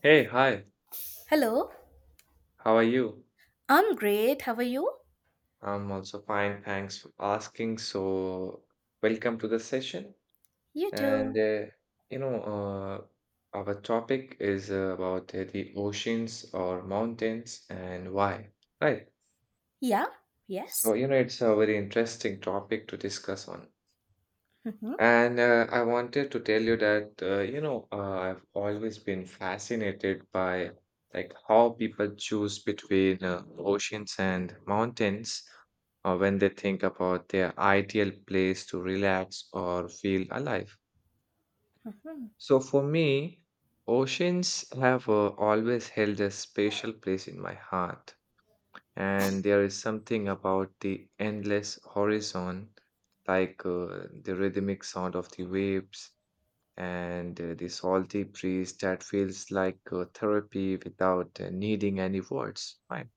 Hey, hi, Hello. how are you? I'm great. How are you? I'm also fine, thanks for asking. So, welcome to the session. You And, too. You know, uh, our topic is about the oceans or mountains and why, right? Yeah, So, yes. It's a very interesting topic to discuss on. Mhm, And I wanted to tell you that, I've always been fascinated by like how people choose between oceans and mountains when they think about their ideal place to relax or feel alive. mhm. So for me, oceans have always held a special place in my heart. And there is something about the endless horizon, like the rhythmic sound of the waves and the salty breeze that feels like therapy without needing any words. Right.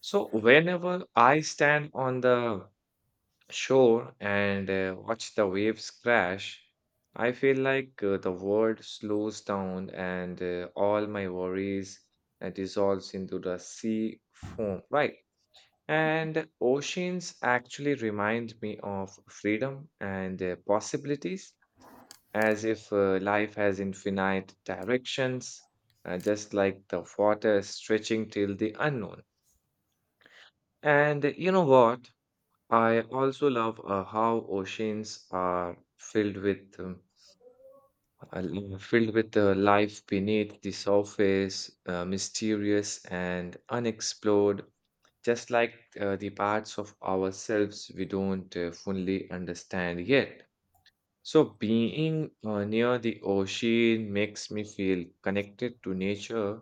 So whenever I stand on the shore and watch the waves crash, I feel like the world slows down and all my worries dissolves into the sea foam. Right. And oceans actually remind me of freedom and possibilities, as if life has infinite directions, just like the water stretching till the unknown. And you know what? I also love how oceans are filled with life beneath the surface, mysterious and unexplored, just like the parts of ourselves we don't fully understand yet. So, being near the ocean makes me feel connected to nature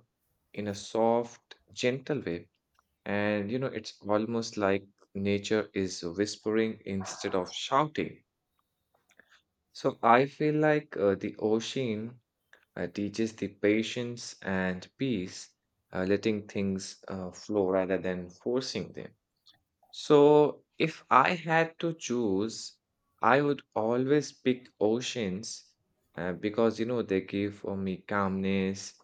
in a soft, gentle way. And it's almost like nature is whispering instead of shouting. So, I feel like the ocean teaches the patience and peace, letting things flow rather than forcing them. So, if I had to choose, I would always pick oceans because they give me calmness,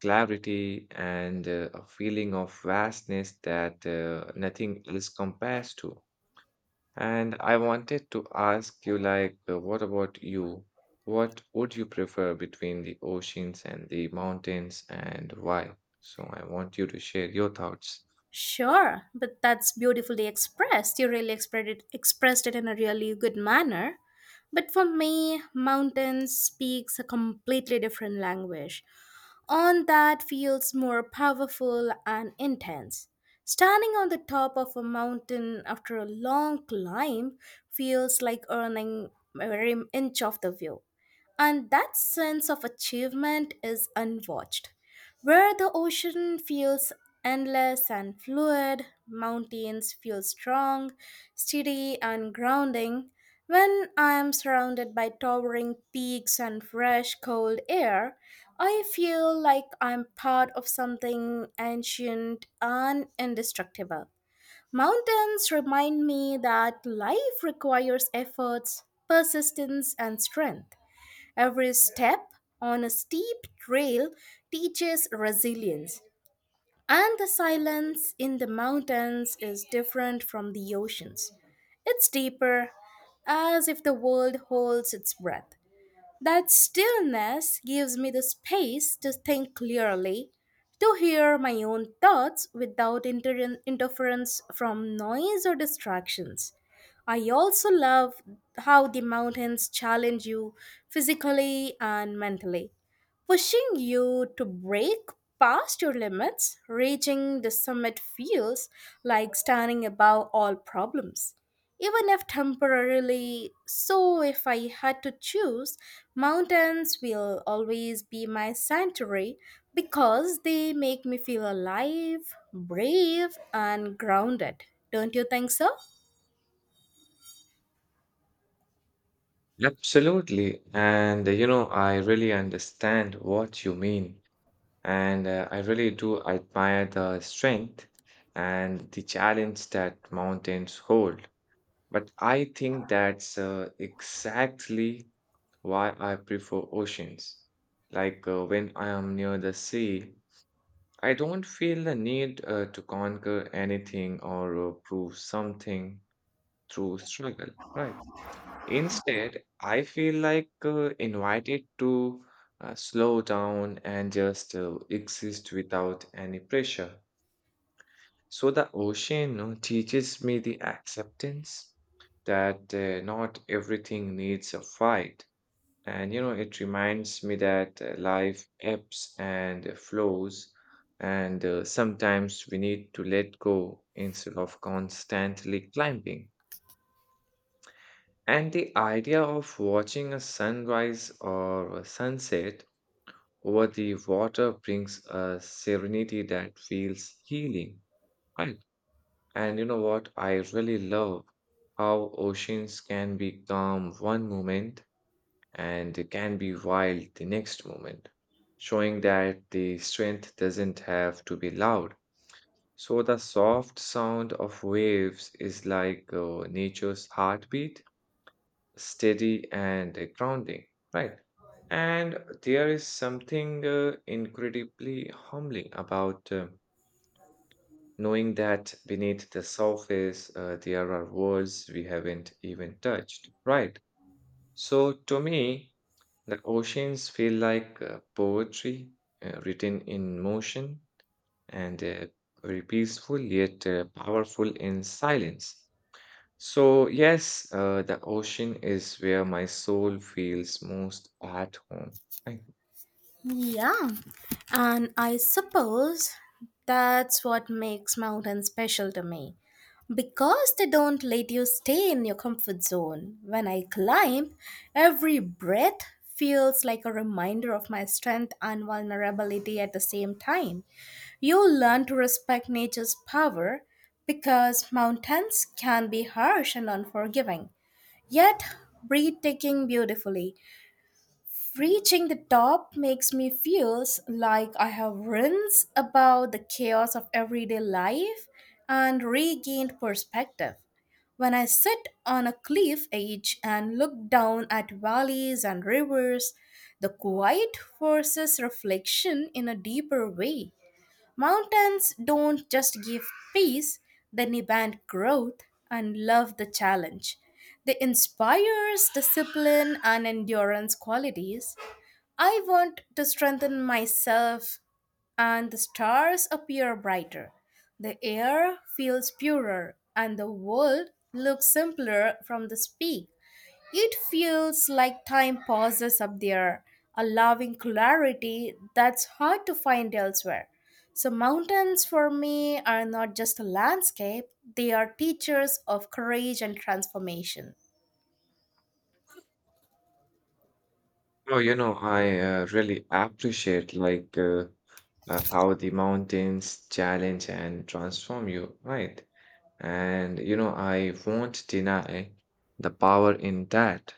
clarity, and a feeling of vastness that nothing else compares to. And I wanted to ask you, like, what about you? What would you prefer between the oceans and the mountains, and why? So, I want you to share your thoughts. Sure, but that's beautifully expressed. You really expressed it in a really good manner. But for me, mountains speaks a completely different language. On that feels more powerful and intense. Standing on the top of a mountain after a long climb feels like earning every inch of the view. And that sense of achievement is unwatched where the ocean feels endless and fluid, mountains feel strong, steady, and grounding. When I am surrounded by towering peaks and fresh, cold air, I feel like I'm part of something ancient and indestructible. Mountains remind me that life requires efforts, persistence, and strength. Every step on a steep trail teaches resilience, and the silence in the mountains is different from the oceans. It's deeper, as if the world holds its breath. That stillness gives me the space to think clearly, to hear my own thoughts without interference from noise or distractions. I also love how the mountains challenge you physically and mentally, pushing you to break past your limits. Reaching the summit feels like standing above all problems even if temporarily. So, if I had to choose, mountains will always be my sanctuary because they make me feel alive, brave, and grounded. Don't you think so? Absolutely. And, I really understand what you mean. And I really do admire the strength and the challenge that mountains hold. But I think that's exactly why I prefer oceans. Like when I am near the sea, I don't feel the need to conquer anything or prove something through struggle, right? Instead, I feel like invited to slow down and just exist without any pressure. So the ocean teaches me the acceptance that not everything needs a fight. And it reminds me that life ebbs and flows, and sometimes we need to let go instead of constantly climbing. And the idea of watching a sunrise or a sunset over the water brings a serenity that feels healing. Right. And you know what? I really love how oceans can be calm one moment and can be wild the next moment, showing that the strength doesn't have to be loud. So the soft sound of waves is like nature's heartbeat, steady and grounding, right? And there is something incredibly humbling about knowing that beneath the surface there are worlds we haven't even touched, right? So to me, the oceans feel like poetry written in motion and very peaceful yet powerful in silence. So, yes, the ocean is where my soul feels most at home. I, Yeah, and I suppose that's what makes mountains special to me. Because they don't let you stay in your comfort zone. When I climb, every breath feels like a reminder of my strength and vulnerability at the same time. You learn to respect nature's power because mountains can be harsh and unforgiving, yet breathtaking beautifully. Reaching the top makes me feel like I have rinsed about the chaos of everyday life and regained perspective. When I sit on a cliff edge and look down at valleys and rivers, the quiet forces reflection in a deeper way. Mountains don't just give peace, they demand growth and love the challenge. They inspires discipline and endurance qualities I want to strengthen myself, and the stars appear brighter. The air feels purer, and the world looks simpler from the peak. It feels like time pauses up there, allowing clarity that's hard to find elsewhere. So, mountains for me are not just a landscape, they are teachers of courage and transformation. oh, I really appreciate like how the mountains challenge and transform you, right? And I won't deny the power in that.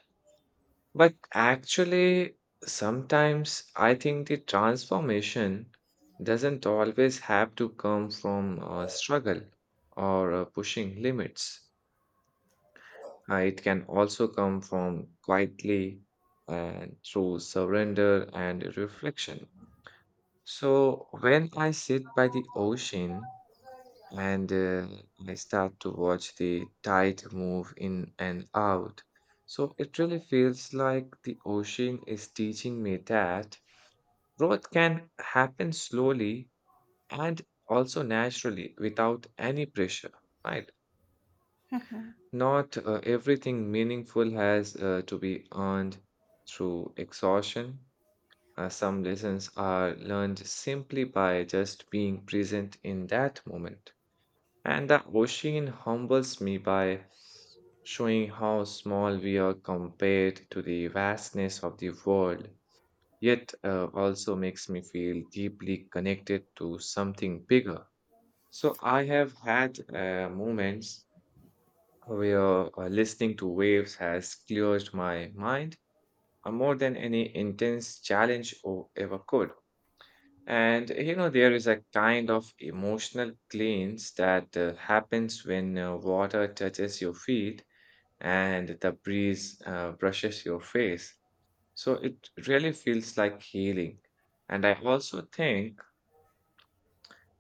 But actually, sometimes I think the transformation doesn't always have to come from struggle or pushing limits. It can also come from quietly and through surrender and reflection. So, when I sit by the ocean and I start to watch the tide move in and out, so it really feels like the ocean is teaching me that growth can happen slowly and also naturally without any pressure, right? Not everything meaningful has to be earned through exhaustion. Some lessons are learned simply by just being present in that moment. And the ocean humbles me by showing how small we are compared to the vastness of the world, yet also makes me feel deeply connected to something bigger. So I have had moments where listening to waves has cleared my mind more than any intense challenge or ever could. And there is a kind of emotional cleanse that happens when water touches your feet and the breeze brushes your face. So it really feels like healing. And I also think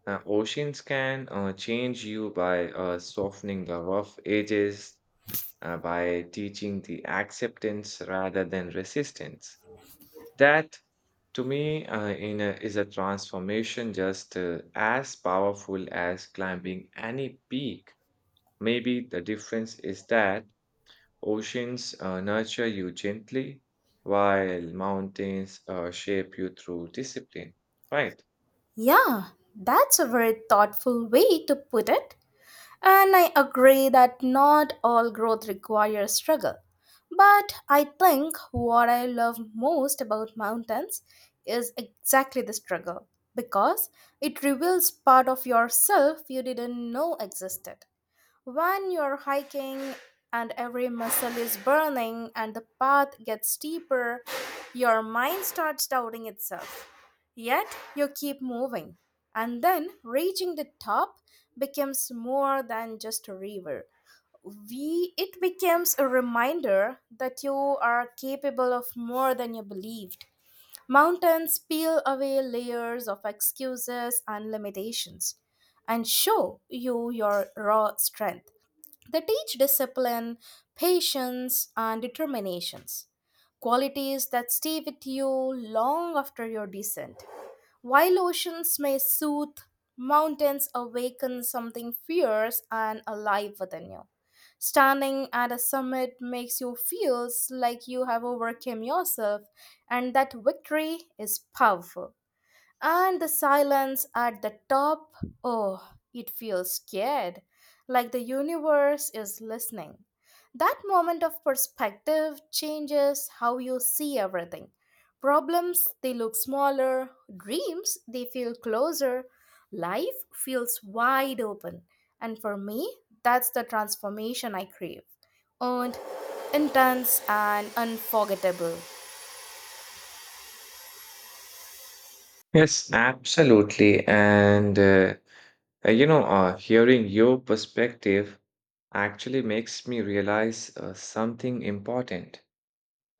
oceans can change you by softening the rough edges by teaching the acceptance rather than resistance. That, to me, is a transformation just as powerful as climbing any peak. Maybe the difference is that oceans nurture you gently, while mountains shape you through discipline. Right. Yeah, that's a very thoughtful way to put it. And I agree that not all growth requires struggle. But I think what I love most about mountains is exactly the struggle because it reveals part of yourself you didn't know existed. When you're hiking and every muscle is burning and the path gets steeper, your mind starts doubting itself. Yet you keep moving. And then reaching the top becomes more than just a river. It becomes a reminder that you are capable of more than you believed. Mountains peel away layers of excuses and limitations and show you your raw strength. They teach discipline, patience, and determinations, qualities that stay with you long after your descent. While oceans may soothe, mountains awaken something fierce and alive within you. Standing at a summit makes you feel like you have overcome yourself, and that victory is powerful. And the silence at the top, oh, it feels scared, like the universe is listening. That moment of perspective changes how you see everything. Problems, they look smaller, dreams, they feel closer, life feels wide open. And for me, that's the transformation I crave. Earned, intense, and unforgettable. Yes, absolutely. And hearing your perspective actually makes me realize something important.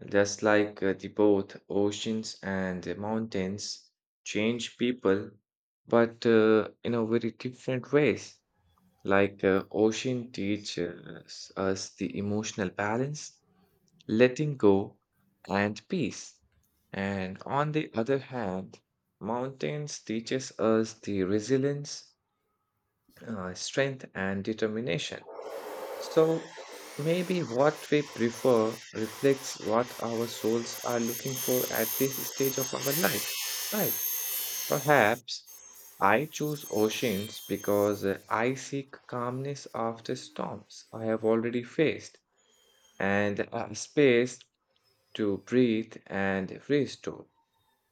Just like the both oceans and the mountains change people, but in a very different ways. Like ocean teaches us the emotional balance, letting go, and peace. And on the other hand, mountains teaches us the resilience, strength, and determination. So maybe what we prefer reflects what our souls are looking for at this stage of our life, right? Perhaps I choose oceans because I seek calmness after storms I have already faced and a space to breathe and restore.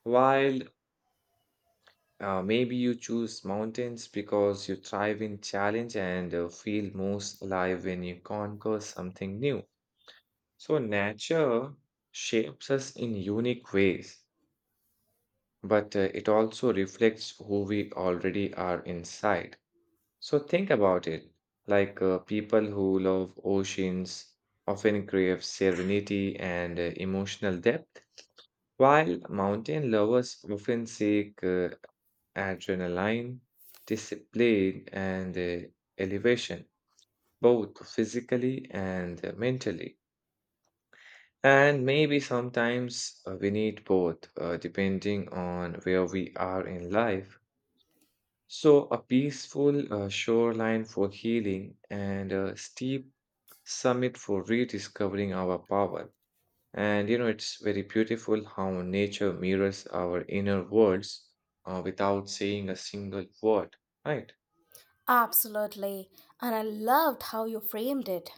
While maybe you choose mountains because you thrive in challenge and feel most alive when you conquer something new. So, nature shapes us in unique ways, but it also reflects who we already are inside. So, think about it like people who love oceans often crave serenity and emotional depth, while mountain lovers often seek adrenaline, discipline, and elevation, both physically and mentally. And maybe sometimes we need both, depending on where we are in life. So, a peaceful shoreline for healing and a steep summit for rediscovering our power. And it's very beautiful how nature mirrors our inner worlds without saying a single word, right? Absolutely. And I loved how you framed it.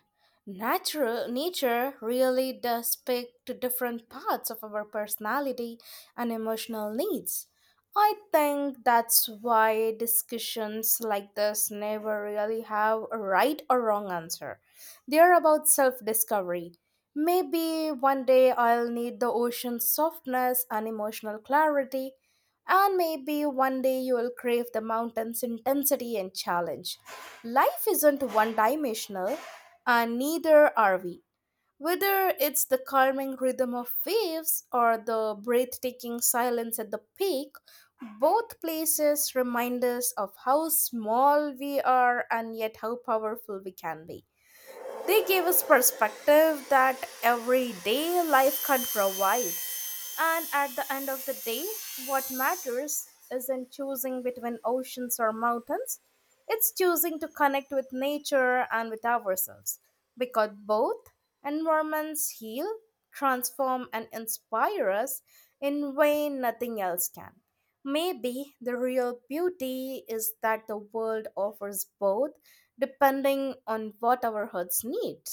Natural nature really does speak to different parts of our personality and emotional needs. I think that's why discussions like this never really have a right or wrong answer. They're about self discovery. Maybe one day I'll need the ocean's softness and emotional clarity, and maybe one day you will crave the mountain's intensity and challenge. Life isn't one dimensional, and neither are we. Whether it's the calming rhythm of waves or the breathtaking silence at the peak, both places remind us of how small we are and yet how powerful we can be. They gave us perspective that everyday life can provide. And at the end of the day, what matters isn't choosing between oceans or mountains, it's choosing to connect with nature and with ourselves. Because both environments heal, transform, and inspire us in way nothing else can. Maybe the real beauty is that the world offers both, depending on what our hearts need.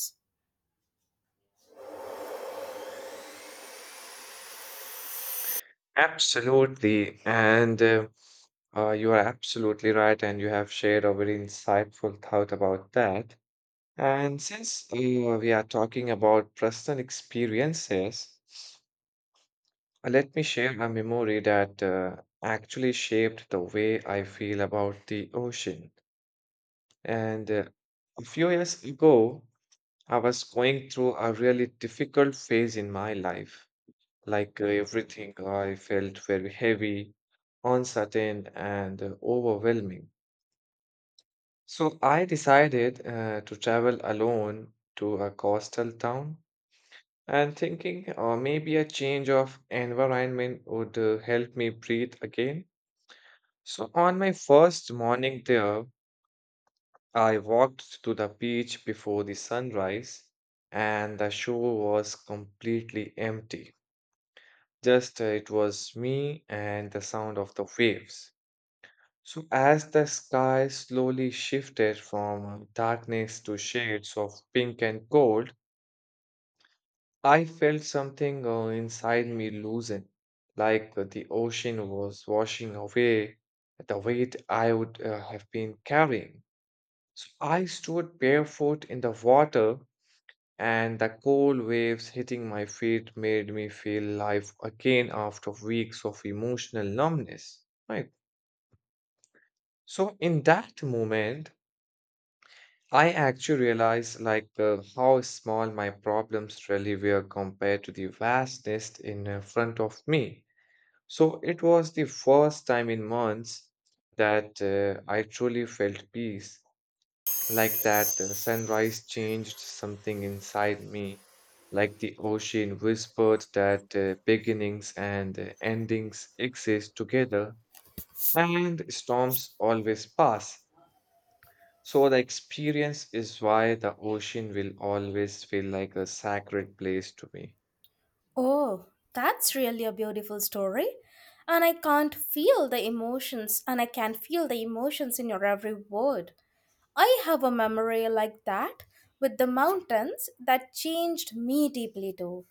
Absolutely. And you are absolutely right. And you have shared a very insightful thought about that. And since we are talking about personal experiences, let me share a memory that actually shaped the way I feel about the ocean. And a few years ago, I was going through a really difficult phase in my life. Like everything, I felt very heavy, uncertain, and overwhelming. So I decided to travel alone to a coastal town, and thinking maybe a change of environment would help me breathe again. So, on my first morning there, I walked to the beach before the sunrise, and the shore was completely empty. Just it was me and the sound of the waves. So, as the sky slowly shifted from darkness to shades of pink and gold, I felt something inside me loosen, like the ocean was washing away the weight I would have been carrying. So I stood barefoot in the water, and the cold waves hitting my feet made me feel life again after weeks of emotional numbness. Right. So in that moment, I actually realized like how small my problems really were compared to the vastness in front of me. So it was the first time in months that I truly felt peace, like that sunrise changed something inside me, like the ocean whispered that beginnings and endings exist together, and storms always pass. So the experience is why the ocean will always feel like a sacred place to me. Oh, that's really a beautiful story. And I can't feel the emotions, and I can feel the emotions in your every word. I have a memory like that with the mountains that changed me deeply too.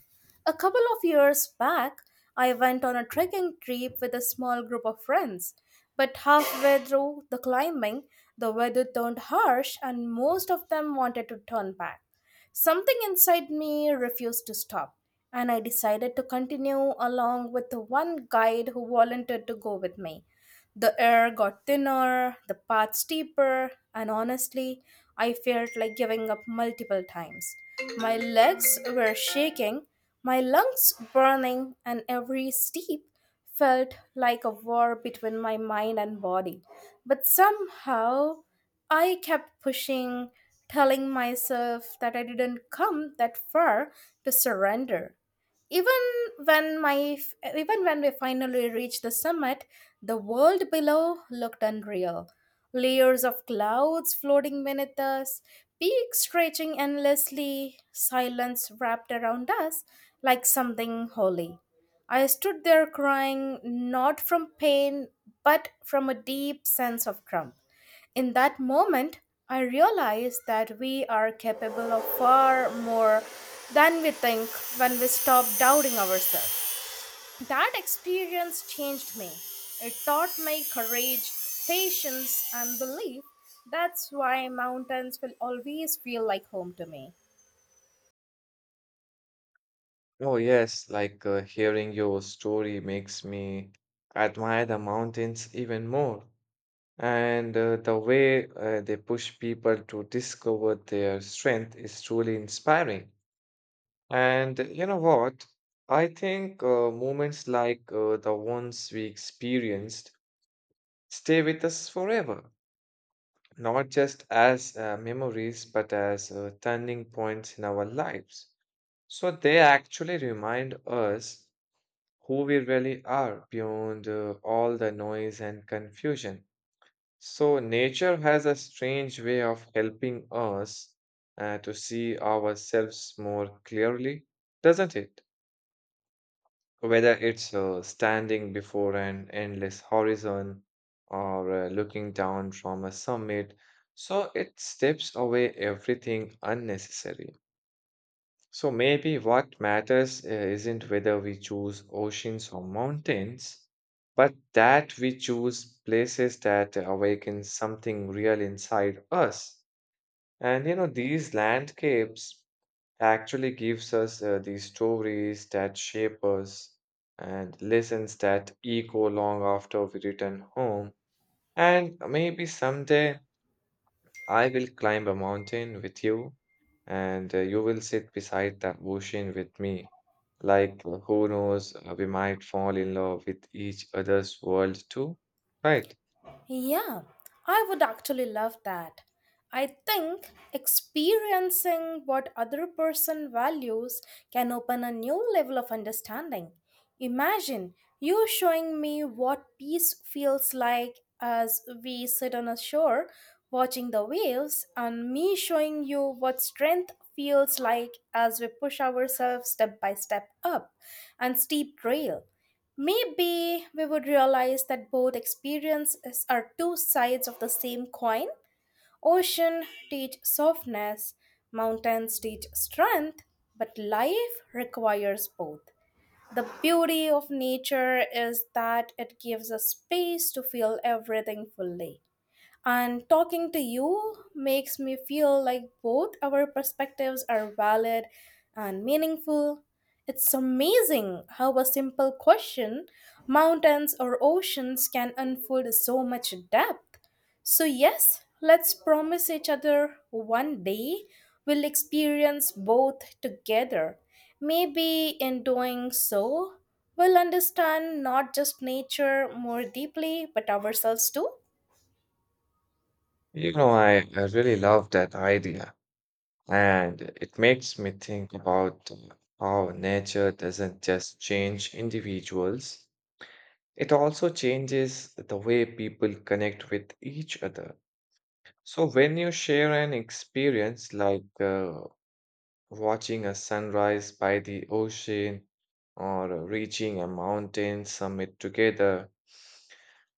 A couple of years back, I went on a trekking trip with a small group of friends. But halfway through the climbing, the weather turned harsh and most of them wanted to turn back. Something inside me refused to stop, and I decided to continue along with the one guide who volunteered to go with me. The air got thinner, the path steeper, and honestly, I felt like giving up multiple times. My legs were shaking, my lungs burning, and every steep felt like a war between my mind and body. But somehow, I kept pushing, telling myself that I didn't come that far to surrender even when my even when we finally reached the summit, the world below looked unreal, layers of clouds floating beneath us, peaks stretching endlessly, silence wrapped around us like something holy. I stood there crying not from pain but from a deep sense of crump. In that moment, I realized that we are capable of far more than we think when we stop doubting ourselves. That experience changed me. It taught me courage, patience, and belief. That's why mountains will always feel like home to me. Oh, yes, like hearing your story makes me admire the mountains even more. And the way they push people to discover their strength is truly inspiring. And you know what? I think moments like the ones we experienced stay with us forever, not just as memories, but as turning points in our lives. So they actually remind us who we really are beyond all the noise and confusion. So, nature has a strange way of helping us to see ourselves more clearly, doesn't it? Whether it's standing before an endless horizon or looking down from a summit, so it steps away everything unnecessary. So maybe what matters isn't whether we choose oceans or mountains, but that we choose places that awaken something real inside us. And you know, these landscapes actually gives us these stories that shape us and lessons that echo long after we return home. And maybe someday I will climb a mountain with you, and you will sit beside the ocean with me. Like, who knows, we might fall in love with each other's world too, right? Yeah, I would actually love that. I think experiencing what other person values can open a new level of understanding. Imagine you showing me what peace feels like as we sit on a shore watching the waves and me showing you what strength feels like as we push ourselves step by step up and steep trail. Maybe we would realize that both experiences are two sides of the same coin. Ocean teach softness, mountains teach strength, but life requires both. The beauty of nature is that it gives us space to feel everything fully. And talking to you makes me feel like both our perspectives are valid and meaningful. It's amazing how a simple question, mountains or oceans, can unfold so much depth. So, yes, let's promise each other one day we'll experience both together. Maybe in doing so, we'll understand not just nature more deeply, but ourselves too. You know, I really love that idea, and it makes me think about how nature doesn't just change individuals, it also changes the way people connect with each other. So when you share an experience like watching a sunrise by the ocean or reaching a mountain summit together.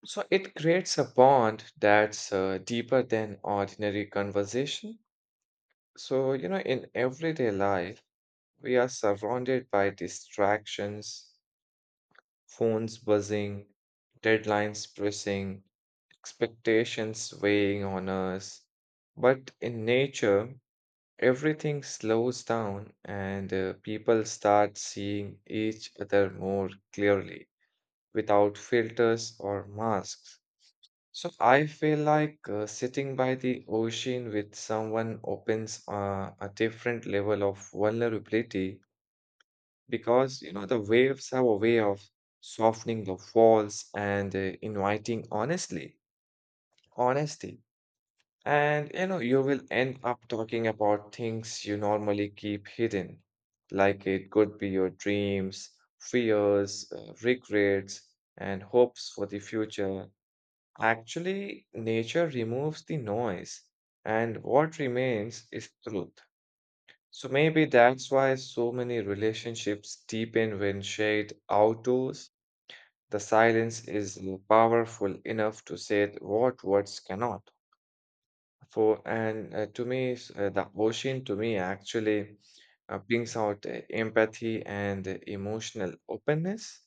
So it creates a bond that's deeper than ordinary conversation. So, you know, in everyday life, we are surrounded by distractions, phones buzzing, deadlines pressing, expectations weighing on us. But in nature, everything slows down and people start seeing each other more clearly without filters or masks. So I feel like sitting by the ocean with someone opens a different level of vulnerability because you know the waves have a way of softening the walls and inviting honestly honesty. And you know, you will end up talking about things you normally keep hidden, like it could be your dreams, fears, regrets, and hopes for the future. Actually, nature removes the noise, and what remains is truth. So maybe that's why so many relationships deepen when shared outdoors. The silence is powerful enough to say what words cannot. For and the ocean to me actually brings out empathy and emotional openness,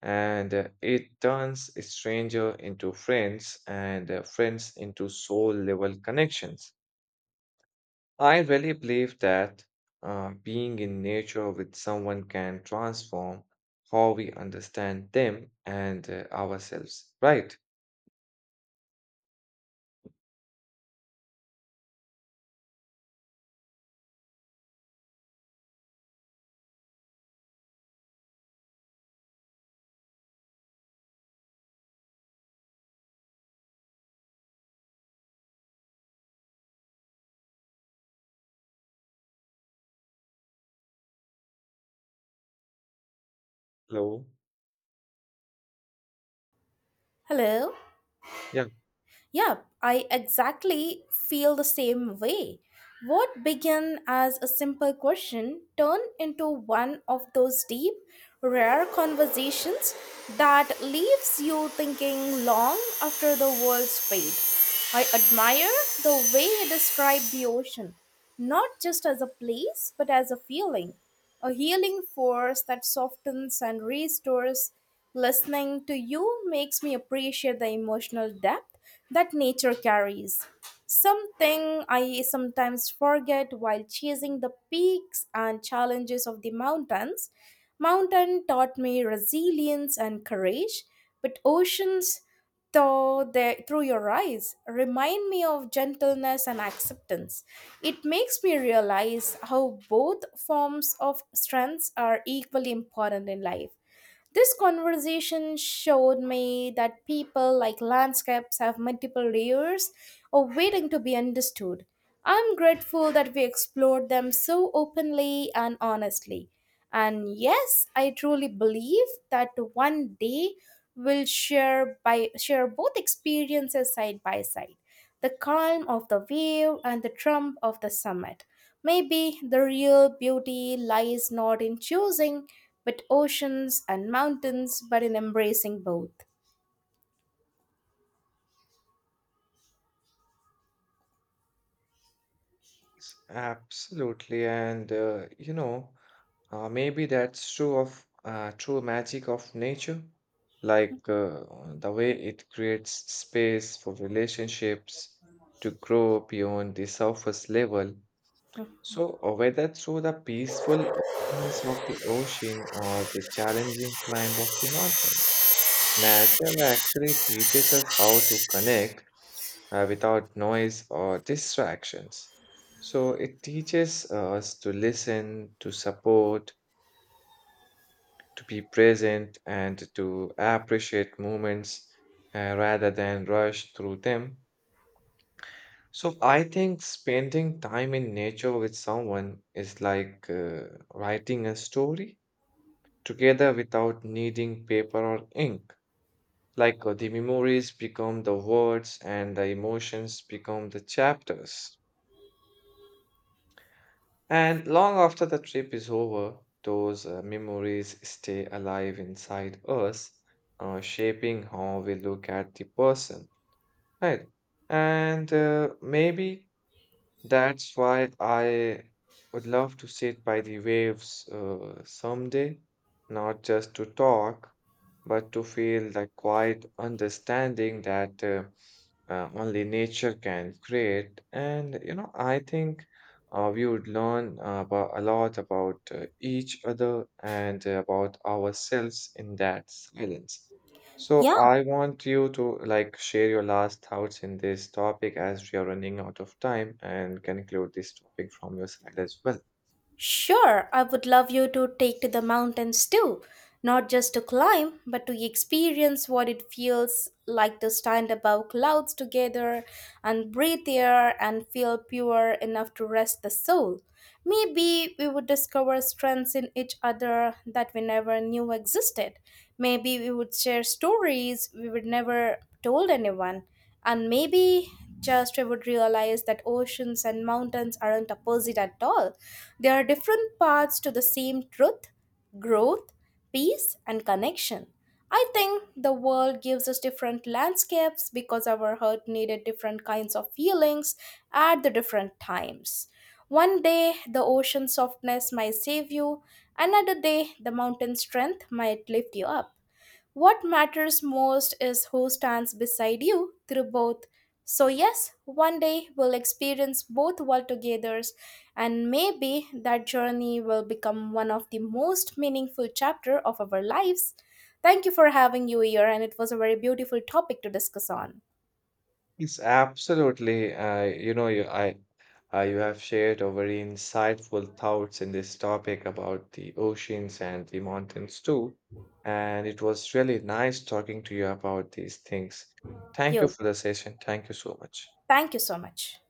and it turns a stranger into friends and friends into soul level connections. I really believe that being in nature with someone can transform how we understand them and ourselves, right? Hello. Hello. Yeah. Yeah, I exactly feel the same way. What began as a simple question turned into one of those deep, rare conversations that leaves you thinking long after the world's fade. I admire the way you describe the ocean, not just as a place, but as a feeling, a healing force that softens and restores. Listening to you makes me appreciate the emotional depth that nature carries. Something I sometimes forget while chasing the peaks and challenges of the mountains. Mountain taught me resilience and courage, but oceans, though they, through your eyes remind me of gentleness and acceptance. It makes me realize how both forms of strengths are equally important in life. This conversation showed me that people, like landscapes, have multiple layers of waiting to be understood. I'm grateful that we explored them so openly and honestly. And yes, I truly believe that one day we'll share both experiences side by side, the calm of the wave and the trump of the summit. Maybe the real beauty lies not in choosing but oceans and mountains, but in embracing both. Absolutely, and you know, maybe that's true of true magic of nature, like the way it creates space for relationships to grow beyond the surface level. So, whether through the peacefulness of the ocean or the challenging climb of the mountains. Nature actually teaches us how to connect without noise or distractions. So it teaches us to listen, to support, to be present, and to appreciate moments rather than rush through them. So I think spending time in nature with someone is like writing a story together without needing paper or ink. Like the memories become the words and the emotions become the chapters. And long after the trip is over, those memories stay alive inside us, shaping how we look at the person, right? And maybe that's why I would love to sit by the waves someday, not just to talk, but to feel the quiet understanding that. Only nature can create. And you know, I think we would learn about a lot about each other and about ourselves in that silence. So Yeah, I want you to like share your last thoughts in this topic as we are running out of time and conclude this topic from your side as well. sure, I would love you to take to the mountains too, not just to climb, but to experience what it feels like to stand above clouds together and breathe air and feel pure enough to rest the soul. Maybe we would discover strengths in each other that we never knew existed. Maybe we would share stories we would never told anyone. And maybe just I would realize that oceans and mountains aren't opposite at all. They are different paths to the same truth, growth, peace, and connection. I think the world gives us different landscapes because our heart needed different kinds of feelings at the different times. One day, the ocean softness might save you, another day, the mountain strength might lift you up. What matters most is who stands beside you through both. So, yes, one day we'll experience both world together, and maybe that journey will become one of the most meaningful chapter of our lives. Thank you for having you here, and it was a very beautiful topic to discuss on. Yes, absolutely. I, you know, you, I, you have shared a very insightful thoughts in this topic about the oceans and the mountains too. And it was really nice talking to you about these things. Thank you You, for the session. Thank you so much. thank you so much.